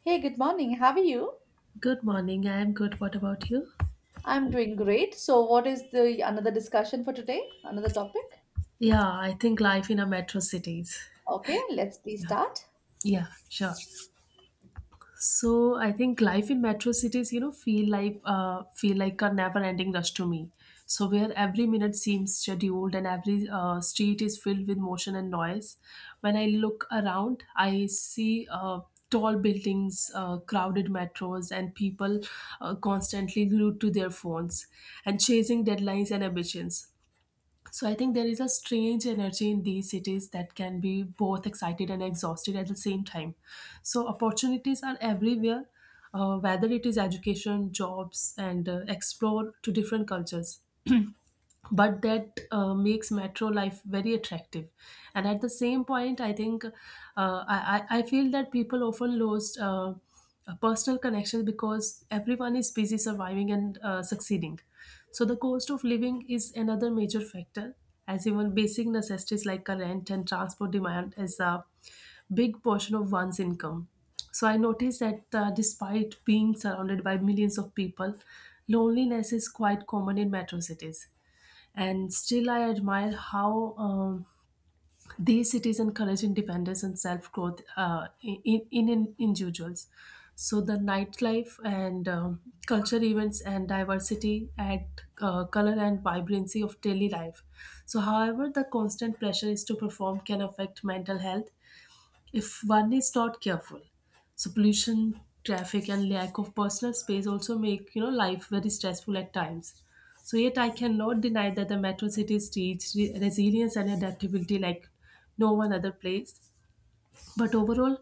Hey, good morning. How are you? Good morning. I am good. What about you? I'm doing great. So, what is the another discussion for today? Another topic? Yeah, I think life in a metro cities. Okay, let's please Yeah, start. yeah, sure. So I think life in metro cities, feel like a never-ending rush to me. So where every minute seems scheduled and every street is filled with motion and noise. When I look around, I see tall buildings, crowded metros, and people constantly glued to their phones and chasing deadlines and ambitions. So I think there is a strange energy in these cities that can be both excited and exhausted at the same time. So opportunities are everywhere, whether it is education, jobs, and explore to different cultures, but that makes metro life very attractive. And at the same point, I think I feel that people often lose a personal connection because everyone is busy surviving and succeeding. So the cost of living is another major factor, as even basic necessities like a rent and transport demand is a big portion of one's income. So I noticed that despite being surrounded by millions of people, loneliness is quite common in metro cities. And still, I admire how these cities encourage independence and self-growth in individuals. So the nightlife and culture events and diversity add color and vibrancy of daily life. So however the constant pressure is to perform can affect mental health if one is not careful. So pollution, traffic, and lack of personal space also make life very stressful at times. So yet I cannot deny that the metro cities teach resilience and adaptability like no one other place. But overall,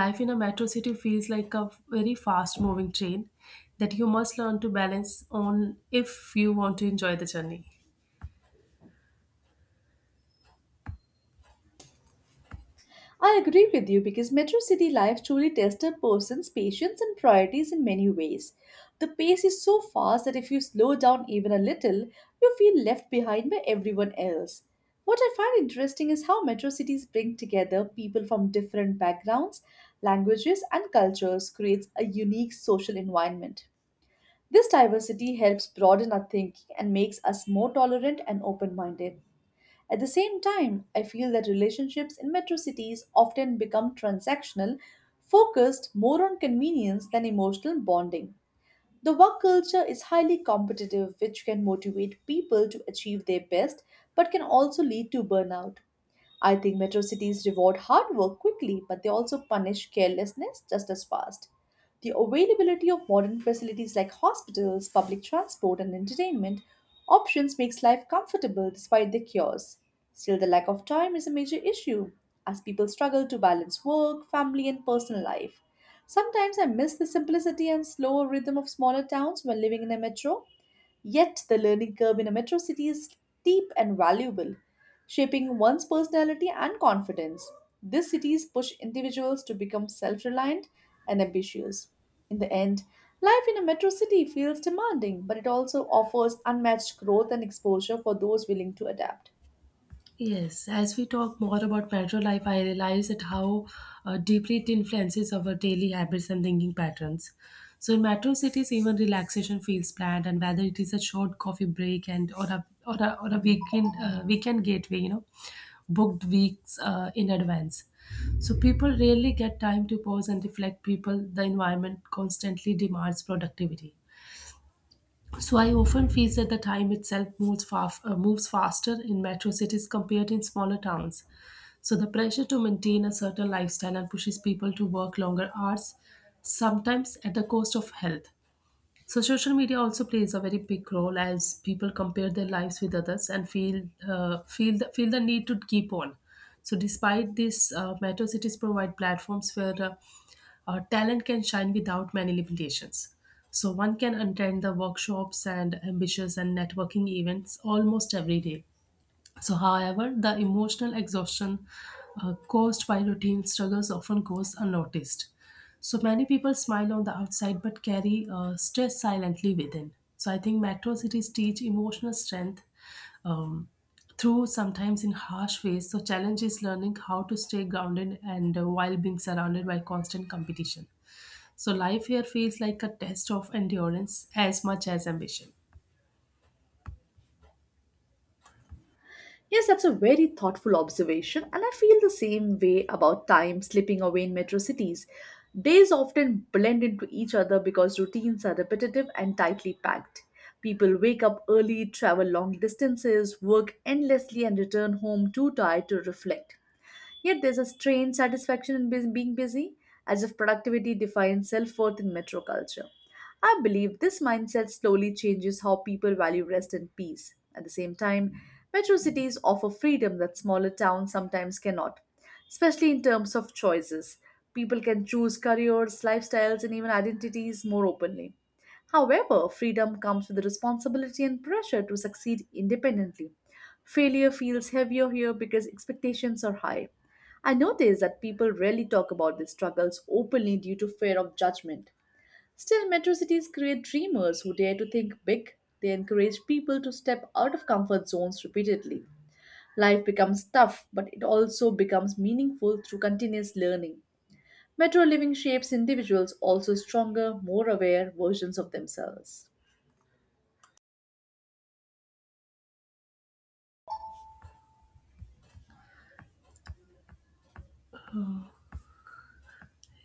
life in a metro city feels like a very fast moving train that you must learn to balance on if you want to enjoy the journey. I agree with you because metro city life truly tests a person's patience and priorities in many ways. The pace is so fast that if you slow down even a little, you feel left behind by everyone else. What I find interesting is how metro cities bring together people from different backgrounds, languages, and cultures creates a unique social environment. This diversity helps broaden our thinking and makes us more tolerant and open minded. At the same time, I feel that relationships in metro cities often become transactional, focused more on convenience than emotional bonding. The work culture is highly competitive, which can motivate people to achieve their best but can also lead to burnout. I think metro cities reward hard work quickly, but they also punish carelessness just as fast. The availability of modern facilities like hospitals, public transport, and entertainment options makes life comfortable despite the chaos. Still, the lack of time is a major issue as people struggle to balance work, family, and personal life. Sometimes I miss the simplicity and slower rhythm of smaller towns when living in a metro. Yet, the learning curve in a metro city is steep and valuable, shaping one's personality and confidence. These cities push individuals to become self reliant and ambitious. In the end, life in a metro city feels demanding, but it also offers unmatched growth and exposure for those willing to adapt. Yes, as we talk more about metro life, I realize that how deeply it influences our daily habits and thinking patterns. So in metro cities, even relaxation feels planned, and whether it is a short coffee break and or a weekend weekend gateway, booked weeks in advance. So people rarely get time to pause and reflect. People, the environment constantly demands productivity. So I often feel that the time itself moves, moves faster in metro cities compared in smaller towns. So the pressure to maintain a certain lifestyle and pushes people to work longer hours, sometimes at the cost of health. So social media also plays a very big role as people compare their lives with others and feel the need to keep on. So despite this, metro cities provide platforms where talent can shine without many limitations. So one can attend the workshops and ambitious and networking events almost every day. So however, the emotional exhaustion caused by routine struggles often goes unnoticed. So many people smile on the outside but carry stress silently within. So I think metro cities teach emotional strength um, through sometimes in harsh ways. So challenge is learning how to stay grounded and while being surrounded by constant competition. So life here feels like a test of endurance as much as ambition. Yes, that's a very thoughtful observation, and I feel the same way about time slipping away in metro cities. Days often blend into each other because routines are repetitive and tightly packed. People wake up early, travel long distances, work endlessly, and return home too tired to reflect. Yet there's a strange satisfaction in being busy, as if productivity defines self worth in metro culture. I believe this mindset slowly changes how people value rest and peace. At the same time, metro cities offer freedom that smaller towns sometimes cannot, especially in terms of choices. People can choose careers, lifestyles, and even identities more openly. However, freedom comes with responsibility and pressure to succeed independently. Failure feels heavier here because expectations are high. I notice that people rarely talk about their struggles openly due to fear of judgment. Still, metro cities create dreamers who dare to think big. They encourage people to step out of comfort zones repeatedly. Life becomes tough, but it also becomes meaningful through continuous learning. Metro living shapes individuals also stronger, more aware versions of themselves.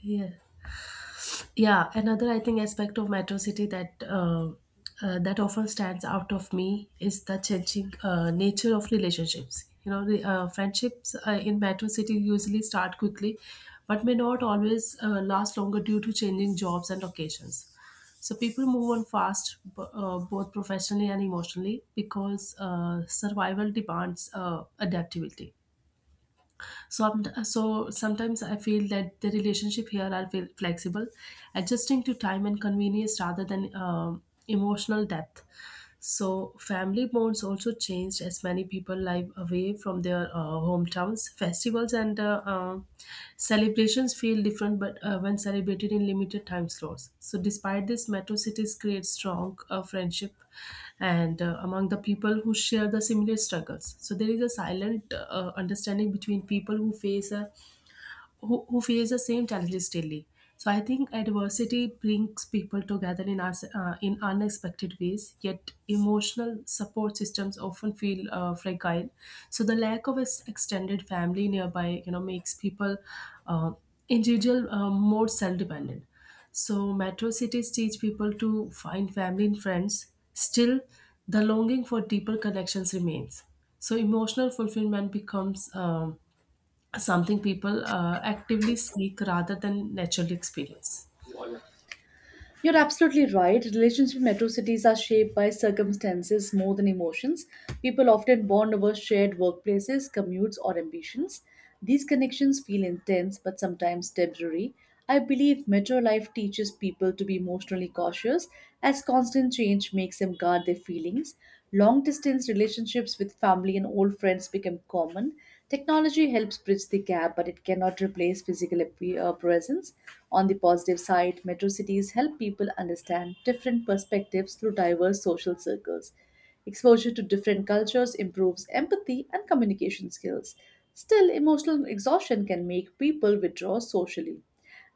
Yeah. Yeah, another I think aspect of Metro City that that often stands out of me is the changing nature of relationships. You know, the, friendships in Metro City usually start quickly, but may not always last longer due to changing jobs and occasions. So people move on fast, both professionally and emotionally, because survival demands adaptability. So, so sometimes I feel that the relationship here are flexible, adjusting to time and convenience rather than emotional depth. So family bonds also changed as many people live away from their hometowns. Festivals and celebrations feel different, but when celebrated in limited time slots. So despite this, metro cities create strong friendship and among the people who share the similar struggles. So there is a silent understanding between people who who face the same challenges daily. So I think adversity brings people together in us in unexpected ways. Yet emotional support systems often feel fragile. So the lack of extended family nearby, you know, makes people uh, individual more self dependent. So metro cities teach people to find family and friends. Still, the longing for deeper connections remains. So emotional fulfillment becomes something people actively seek rather than naturally experience. You're absolutely right. Relations in metro cities are shaped by circumstances more than emotions. People often bond over shared workplaces, commutes, or ambitions. These connections feel intense but sometimes temporary. I believe metro life teaches people to be emotionally cautious as constant change makes them guard their feelings. Long distance relationships with family and old friends become common. Technology helps bridge the gap, but it cannot replace physical presence. On the positive side, metro cities help people understand different perspectives through diverse social circles. Exposure to different cultures improves empathy and communication skills. Still, emotional exhaustion can make people withdraw socially.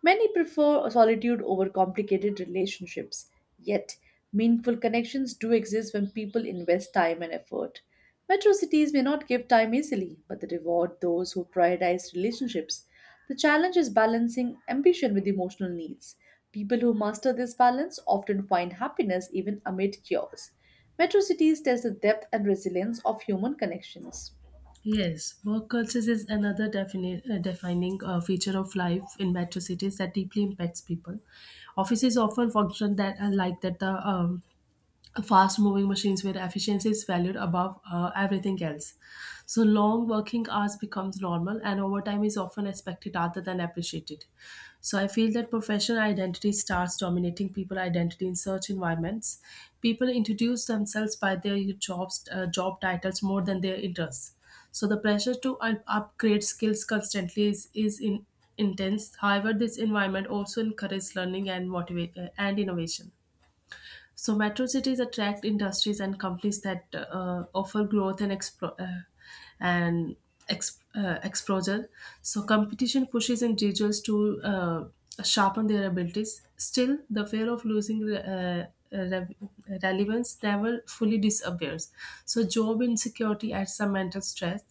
Many prefer solitude over complicated relationships. Yet, meaningful connections do exist when people invest time and effort. Metro cities may not give time easily, but they reward those who prioritize relationships. The challenge is balancing ambition with emotional needs. People who master this balance often find happiness even amid chaos. Metro cities test the depth and resilience of human connections. Yes, work cultures is another defining feature of life in metro cities that deeply impacts people. Offices often function that like that the fast moving machines where efficiency is valued above everything else. So long working hours becomes normal and overtime is often expected rather than appreciated. So I feel that professional identity starts dominating people identity in such environments. People introduce themselves by their job titles more than their interests. So the pressure to upgrade skills constantly is intense. However, this environment also encourages learning and motivate and innovation. So metro cities attract industries and companies that offer growth and and exposure. So competition pushes individuals to sharpen their abilities. Still, the fear of losing re- relevance never fully disappears. So job insecurity adds some mental stress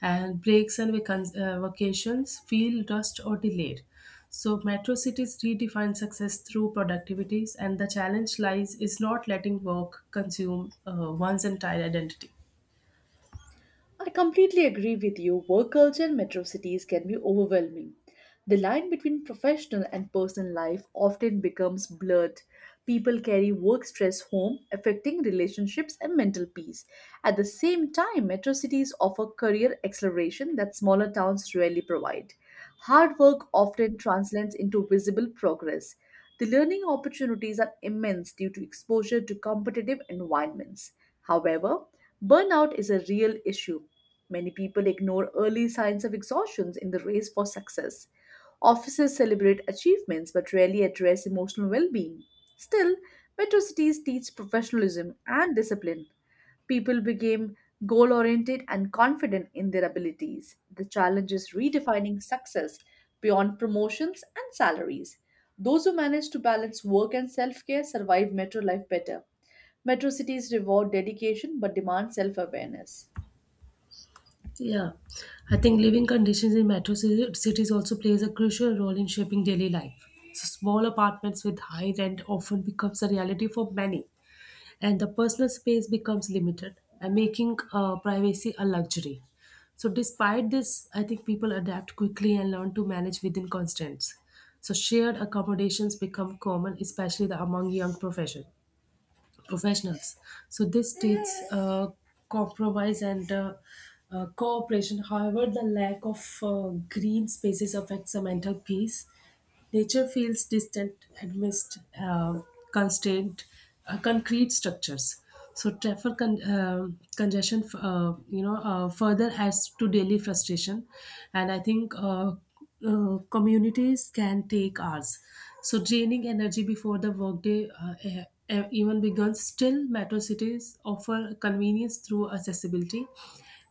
and breaks and vacations feel rushed or delayed. So metro cities redefine success through productivities, and the challenge lies is not letting work consume one's entire identity. I completely agree with you. Work culture in metro cities can be overwhelming. The line between professional and personal life often becomes blurred. People carry work stress home, affecting relationships and mental peace. At the same time, metro cities offer career acceleration that smaller towns rarely provide. Hard work often translates into visible progress. The learning opportunities are immense due to exposure to competitive environments. However, burnout is a real issue. Many people ignore early signs of exhaustion in the race for success. Offices celebrate achievements but rarely address emotional well being. Still, metro cities teach professionalism and discipline. People became goal oriented and confident in their abilities. The challenge is redefining success beyond promotions and salaries. Those who manage to balance work and self care survive metro life better. Metro cities reward dedication but demand self awareness. Yeah, I think living conditions in metro cities also plays a crucial role in shaping daily life. So small apartments with high rent often becomes a reality for many, and the personal space becomes limited, and making privacy a luxury. So despite this, I think people adapt quickly and learn to manage within constraints. So shared accommodations become common, especially the among young professionals. So this states compromise and cooperation. However, the lack of green spaces affects the mental peace. Nature feels distant amidst constrained, concrete structures. So traffic congestion, further adds to daily frustration, and I think communities can take hours. So draining energy before the workday even begins. Still, metro cities offer convenience through accessibility,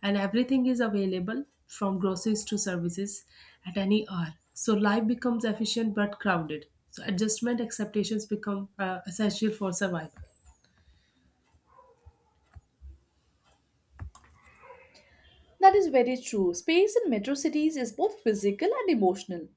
and everything is available from groceries to services at any hour. So life becomes efficient but crowded. So adjustment expectations become essential for survival. That is very true. Space in metro cities is both physical and emotional.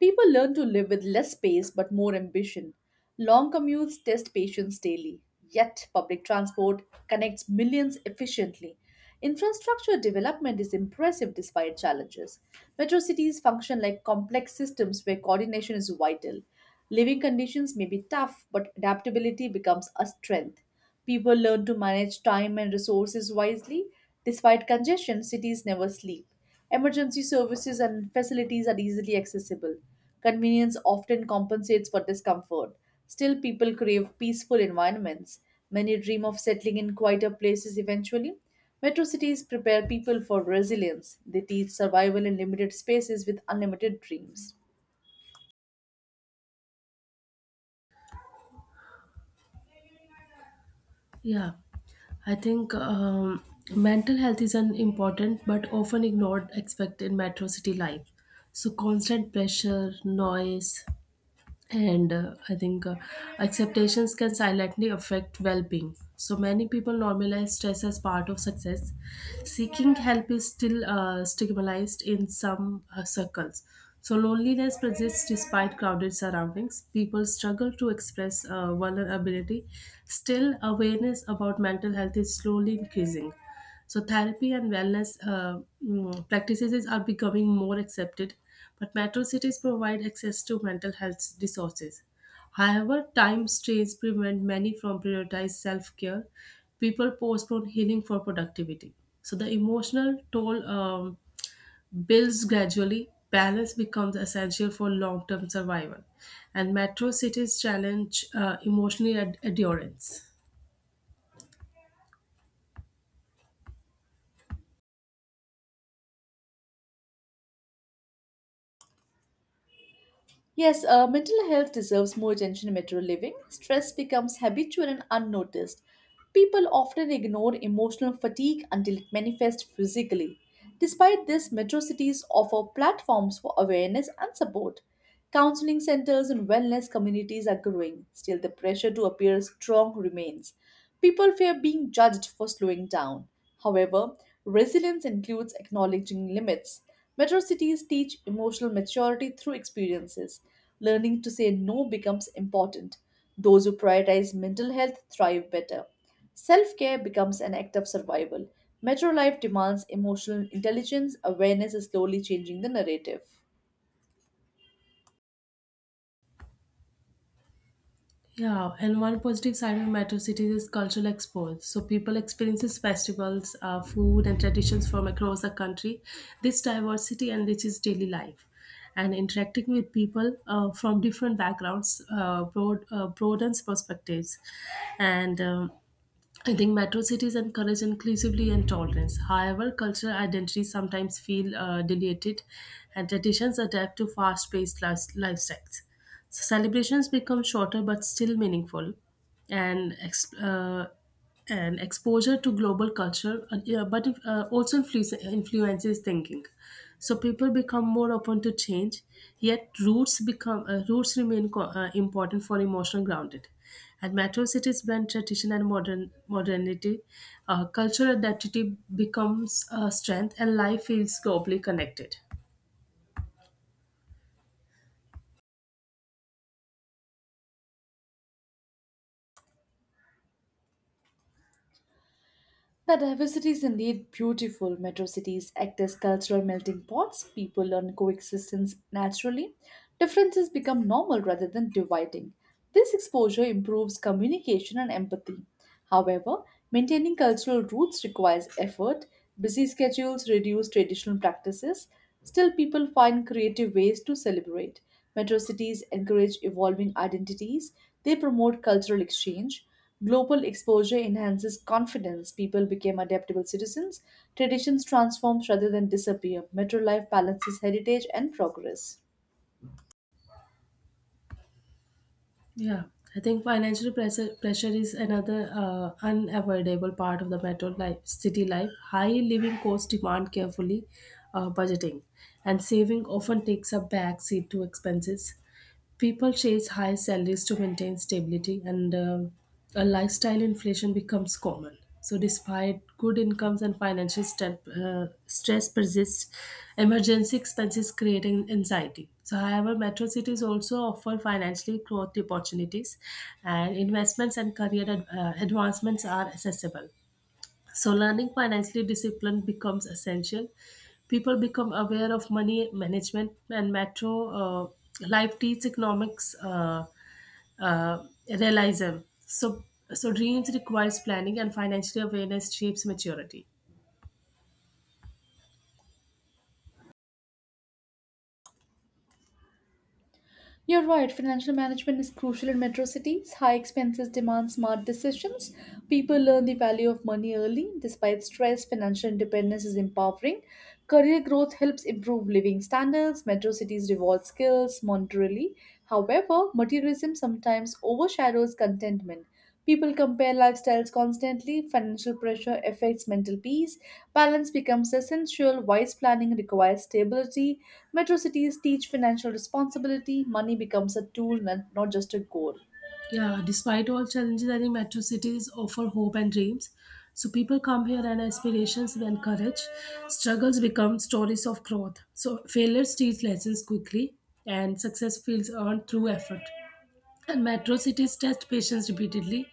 People learn to live with less space but more ambition. Long commutes test patience daily. Yet, public transport connects millions efficiently. Infrastructure development is impressive despite challenges. Metro cities function like complex systems where coordination is vital. Living conditions may be tough, but adaptability becomes a strength. People learn to manage time and resources wisely. Despite congestion, cities never sleep. Emergency services and facilities are easily accessible. Convenience often compensates for discomfort. Still, people crave peaceful environments. Many dream of settling in quieter places eventually. Metro cities prepare people for resilience. They teach survival in limited spaces with unlimited dreams. Yeah, I think mental health is an important but often ignored aspect in metro city life. So constant pressure, noise, and I think acceptations can silently affect well-being. So many people normalize stress as part of success. Seeking help is still stigmatized in some circles. So loneliness persists despite crowded surroundings. People struggle to express vulnerability. Still, awareness about mental health is slowly increasing. So therapy and wellness practices are becoming more accepted, but metro cities provide access to mental health resources. However, time strains prevent many from prioritizing self-care. People postpone healing for productivity. So the emotional toll builds gradually. Balance becomes essential for long-term survival, and metro cities challenge endurance. Yes, mental health deserves more attention in metro living. Stress becomes habitual and unnoticed. People often ignore emotional fatigue until it manifests physically. Despite this, metro cities offer platforms for awareness and support. Counseling centers and wellness communities are growing. Still, the pressure to appear strong remains. People fear being judged for slowing down. However, resilience includes acknowledging limits. Metro cities teach emotional maturity through experiences. Learning to say no becomes important. Those who prioritize mental health thrive better. Self care becomes an act of survival. Metro life demands emotional intelligence. Awareness is slowly changing the narrative. Yeah, and one positive side of metro cities is cultural export. So people experiences festivals, food, and traditions from across the country. This diversity enriches daily life, and interacting with people from different backgrounds broadens perspectives, and I think metro cities encourage inclusivity and tolerance. However, cultural identities sometimes feel diluted, and traditions adapt to fast-paced lifestyles. So celebrations become shorter but still meaningful, and and exposure to global culture, yeah, but also influences thinking. So people become more open to change, yet roots remain important for emotional grounded. And metro cities blend tradition and modernity. Cultural identity becomes a strength, and life feels globally connected. The diversity is indeed beautiful. Metro cities act as cultural melting pots. People learn coexistence naturally. Differences become normal rather than dividing. This exposure improves communication and empathy. However, maintaining cultural roots requires effort. Busy schedules reduce traditional practices. Still, people find creative ways to celebrate. Metro cities encourage evolving identities, they promote cultural exchange. Global exposure enhances confidence, people become adaptable citizens, traditions transform rather than disappear. Metro life balances heritage and progress. Yeah, I think financial pressure pressure is another unavoidable part of the city life. High living costs demand carefully budgeting, and saving often takes a back seat to expenses. People chase high salaries to maintain stability, and a lifestyle inflation becomes common. So despite good incomes and stress persists, emergency expenses creating anxiety. So however, metro cities also offer financially growth opportunities, and investments and career advancements are accessible. So learning financially discipline becomes essential. People become aware of money management, and Metro uh, Life teach economics uh, realism. So, so dreams requires planning, and financial awareness shapes maturity. You're right, financial management is crucial in metro cities. High expenses demand smart decisions. People learn the value of money early. Despite stress, financial independence is empowering. Career growth helps improve living standards. Metro cities reward skills monetarily. However, materialism sometimes overshadows contentment. People compare lifestyles constantly, financial pressure affects mental peace, balance becomes essential, wise planning requires stability, metro cities teach financial responsibility, money becomes a tool, not just a goal. Yeah, despite all challenges, I think metro cities offer hope and dreams. So people come here and aspirations and courage. Struggles become stories of growth. So failures teach lessons quickly, and success feels earned through effort. And metro cities test patience repeatedly,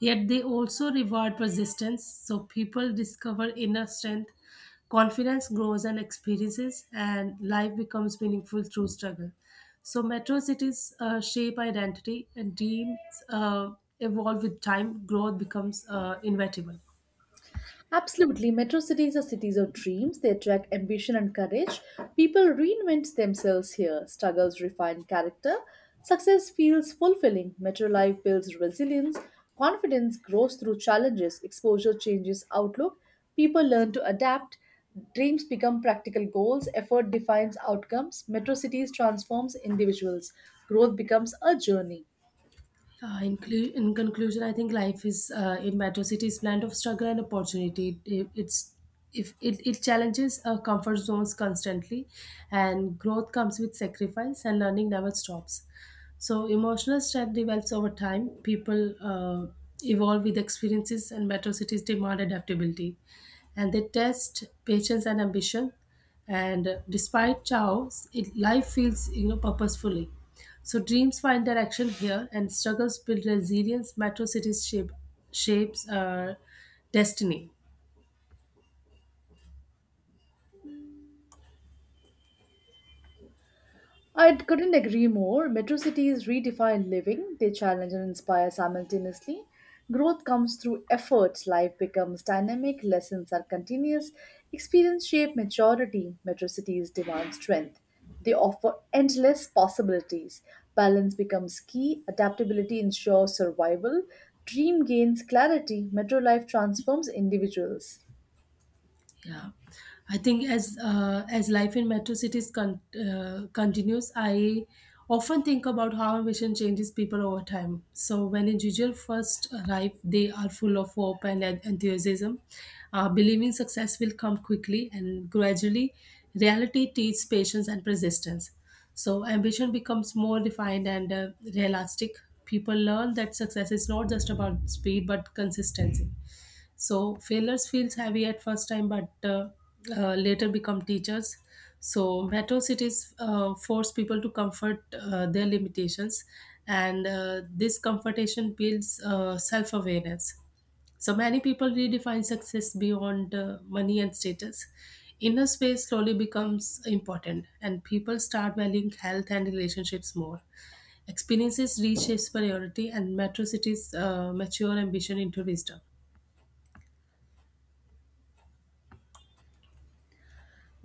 yet they also reward persistence. So people discover inner strength, confidence grows and experiences, and life becomes meaningful through struggle. So metro cities shape identity, and dreams uh, evolve with time. Growth becomes inevitable. Absolutely. Metro cities are cities of dreams. They attract ambition and courage. People reinvent themselves here. Struggles refine character. Success feels fulfilling. Metro life builds resilience. Confidence grows through challenges. Exposure changes outlook. People learn to adapt. Dreams become practical goals. Effort defines outcomes. Metro cities transforms individuals. Growth becomes a journey. In conclusion, I think life is in Metro City is blend of struggle and opportunity. It- it's if it, it challenges our comfort zones constantly, and growth comes with sacrifice, and learning never stops. So emotional strength develops over time. People evolve with experiences, and Metro Cities demand adaptability, and they test patience and ambition. And despite chaos, it life feels purposefully. So dreams find direction here, and struggles build resilience. Metro cities shape shapes destiny. I couldn't agree more. Metro cities redefine living, they challenge and inspire simultaneously. Growth comes through effort, life becomes dynamic, lessons are continuous, experience shape maturity. Metro cities demand strength. They offer endless possibilities. Balance becomes key, adaptability ensures survival, dream gains clarity, metro life transforms individuals. Yeah, I think as life in metro cities continues, I often think about how ambition changes people over time. So when individuals first arrive, they are full of hope and enthusiasm, believing success will come quickly, and gradually, reality teaches patience and persistence. So ambition becomes more defined and realistic. People learn that success is not just about speed but consistency. So failures feels heavy at first time, but later become teachers. So metro cities force people to comfort their limitations, and this comfortation builds self-awareness. So many people redefine success beyond money and status. Inner space slowly becomes important, and people start valuing health and relationships more. Experiences reshapes priority, and metro cities mature ambition into wisdom.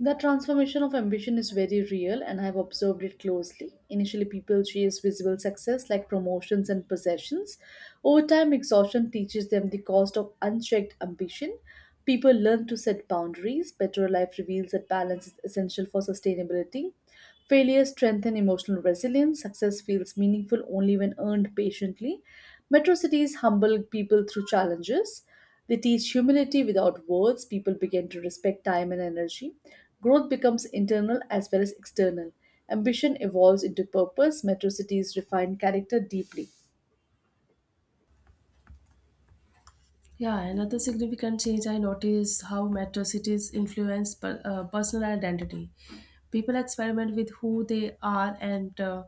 That transformation of ambition is very real, and I have observed it closely. Initially, people chase visible success like promotions and possessions. Over time, exhaustion teaches them the cost of unchecked ambition. People learn to set boundaries. Better Life reveals that balance is essential for sustainability. Failure strengthens emotional resilience. Success feels meaningful only when earned patiently. Metro cities humble people through challenges. We teach humility without words, people begin to respect time and energy. Growth becomes internal as well as external. Ambition evolves into purpose, metro cities refine character deeply. Yeah, another significant change I noticed how metro cities influence personal identity. People experiment with who they are and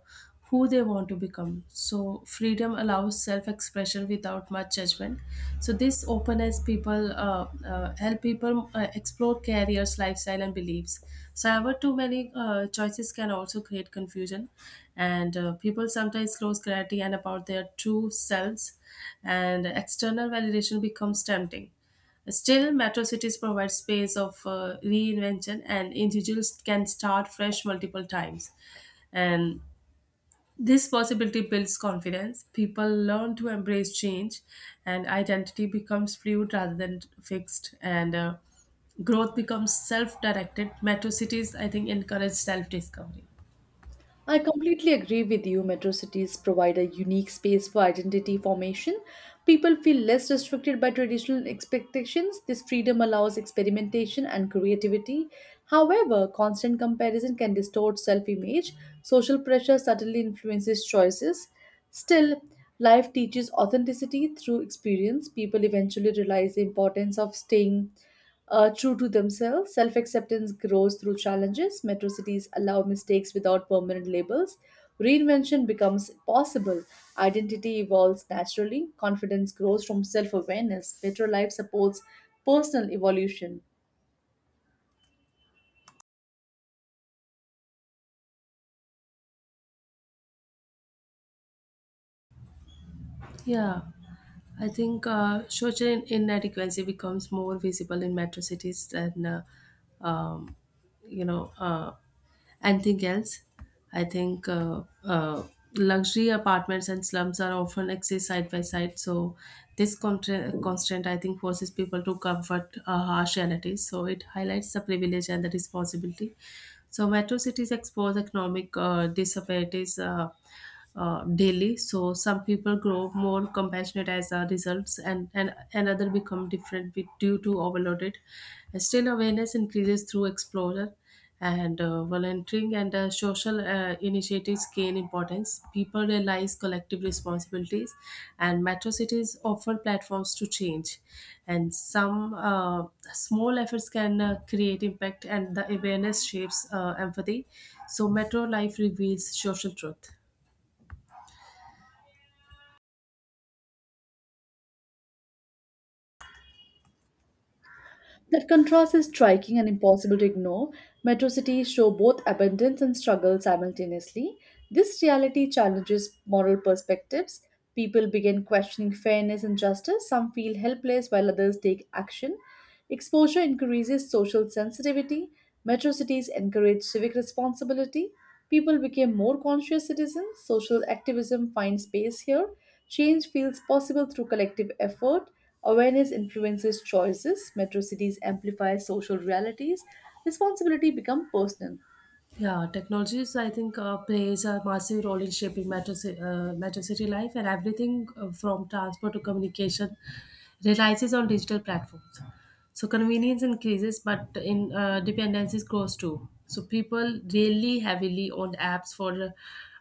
who they want to become. So freedom allows self-expression without much judgment. So this openness people help people explore careers, lifestyle and beliefs. So however, too many choices can also create confusion, and people sometimes lose clarity and about their true selves, and external validation becomes tempting. Still, metro cities provide space of reinvention, and individuals can start fresh multiple times. And this possibility builds confidence. People learn to embrace change, and identity becomes fluid rather than fixed. And growth becomes self-directed. Metro cities, I think, encourage self-discovery. I completely agree with you. Metro cities provide a unique space for identity formation. People feel less restricted by traditional expectations. This freedom allows experimentation and creativity. However, constant comparison can distort self image. Social pressure subtly influences choices. Still, life teaches authenticity through experience. People eventually realize the importance of staying true to themselves, self acceptance grows through challenges. Metro cities allow mistakes without permanent labels. Reinvention becomes possible. Identity evolves naturally. Confidence grows from self awareness. Metro life supports personal evolution. Yeah. I think social inadequacy becomes more visible in metro cities than, um, you know, uh, anything else. I think luxury apartments and slums are often exist side by side. So this constant, I think, forces people to comfort harsh realities. So it highlights the privilege and the responsibility. So metro cities expose economic disparities. Daily. So some people grow more compassionate as a results, and another become different due to overloaded. Still, awareness increases through exposure, and volunteering and social initiatives gain importance. People realize collective responsibilities, and metro cities offer platforms to change, and some small efforts can create impact, and the awareness shapes empathy. So metro life reveals social truth. That contrast is striking and impossible to ignore. Metro cities show both abundance and struggle simultaneously. This reality challenges moral perspectives. People begin questioning fairness and justice. Some feel helpless while others take action. Exposure increases social sensitivity. Metro cities encourage civic responsibility. People became more conscious citizens. Social activism finds space here. Change feels possible through collective effort. Awareness influences choices, metro cities amplify social realities, responsibility become personal. Yeah, technologies, I think, plays a massive role in shaping metro city life, and everything from transport to communication relies on digital platforms. So convenience increases, but in dependencies grows too. So people really heavily on apps for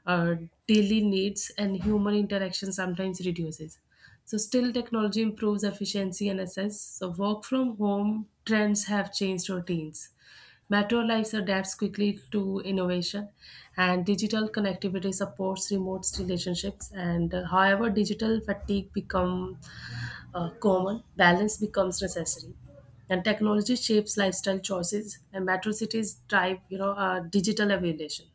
uh, daily needs, and human interaction sometimes reduces. So still, technology improves efficiency and access. So work from home trends have changed routines. Metro lives adapts quickly to innovation, and digital connectivity supports remote relationships. And however, digital fatigue become common, balance becomes necessary. And technology shapes lifestyle choices, and metro cities drive, digital evolution.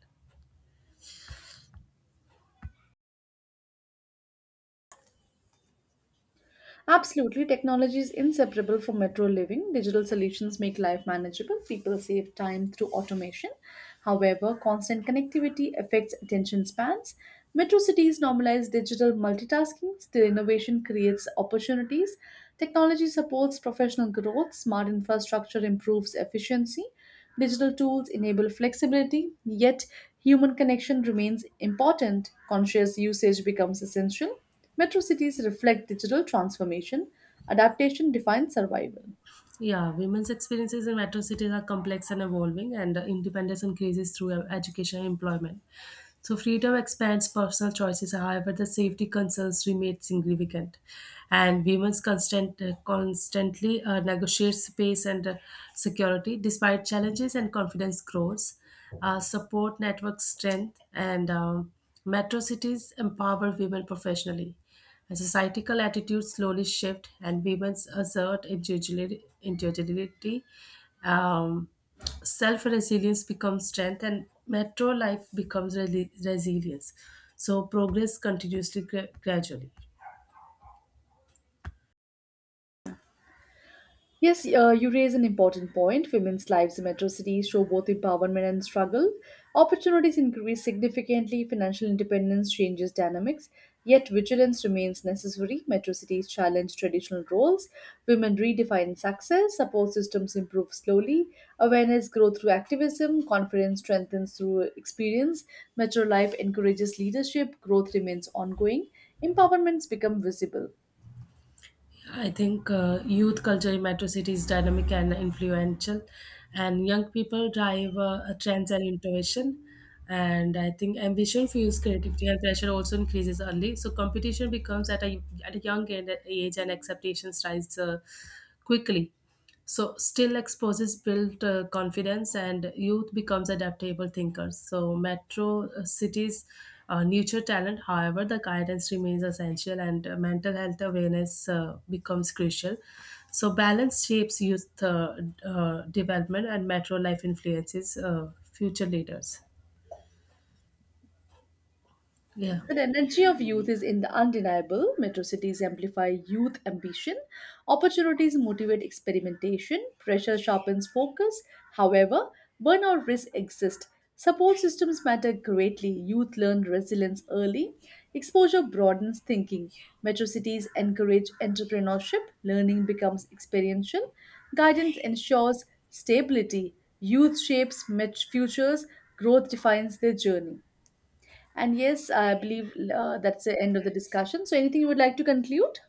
Absolutely, technology is inseparable from metro living. Digital solutions make life manageable. People save time through automation. However, constant connectivity affects attention spans. Metro cities normalize digital multitasking. Still, innovation creates opportunities. Technology supports professional growth. Smart infrastructure improves efficiency. Digital tools enable flexibility, yet, human connection remains important. Conscious usage becomes essential. Metro cities reflect digital transformation, adaptation defines survival. Yeah, women's experiences in metro cities are complex and evolving, and independence increases through education and employment. So freedom expands personal choices, however, the safety concerns remain significant. And constantly negotiate space and security. Despite challenges, and confidence grows. Support network strength, and metro cities empower women professionally as societal attitudes slowly shift, and women assert individuality um, Self resilience becomes strength, and metro life becomes resilience. So progress continuously gradually. Yes, you raise an important point. Women's lives in metro cities show both empowerment and struggle. Opportunities increase significantly, financial independence changes dynamics, yet vigilance remains necessary. Metro cities challenge traditional roles, women redefine success, support systems improve slowly, awareness grows through activism, confidence strengthens through experience. Metro life encourages leadership, growth remains ongoing, empowerments become visible. I think youth culture in metro cities is dynamic and influential, and young people drive trends and innovation. And I think ambition fuels creativity, and pressure also increases early. So competition becomes at a young age, and expectations rise quickly. So still, exposes built confidence, and youth becomes adaptable thinkers. So metro cities nurture talent. However, the guidance remains essential, and mental health awareness becomes crucial. So balance shapes youth development, and metro life influences future leaders. Yeah. So the energy of youth is in the undeniable. Metro cities amplify youth ambition. Opportunities motivate experimentation. Pressure sharpens focus. However, burnout risks exist. Support systems matter greatly. Youth learn resilience early. Exposure broadens thinking. Metro cities encourage entrepreneurship. Learning becomes experiential. Guidance ensures stability. Youth shapes futures. Growth defines their journey. And yes, I believe that's the end of the discussion. So, anything you would like to conclude?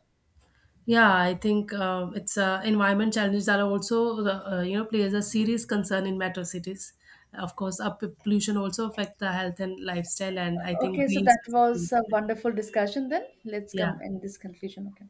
Yeah, I think it's environment challenges are also plays a serious concern in metro cities. Of course, up pollution also affect the health and lifestyle, and I think Okay, so green that space is really was a important. wonderful discussion then. Let's come Yeah. in this conclusion. Okay.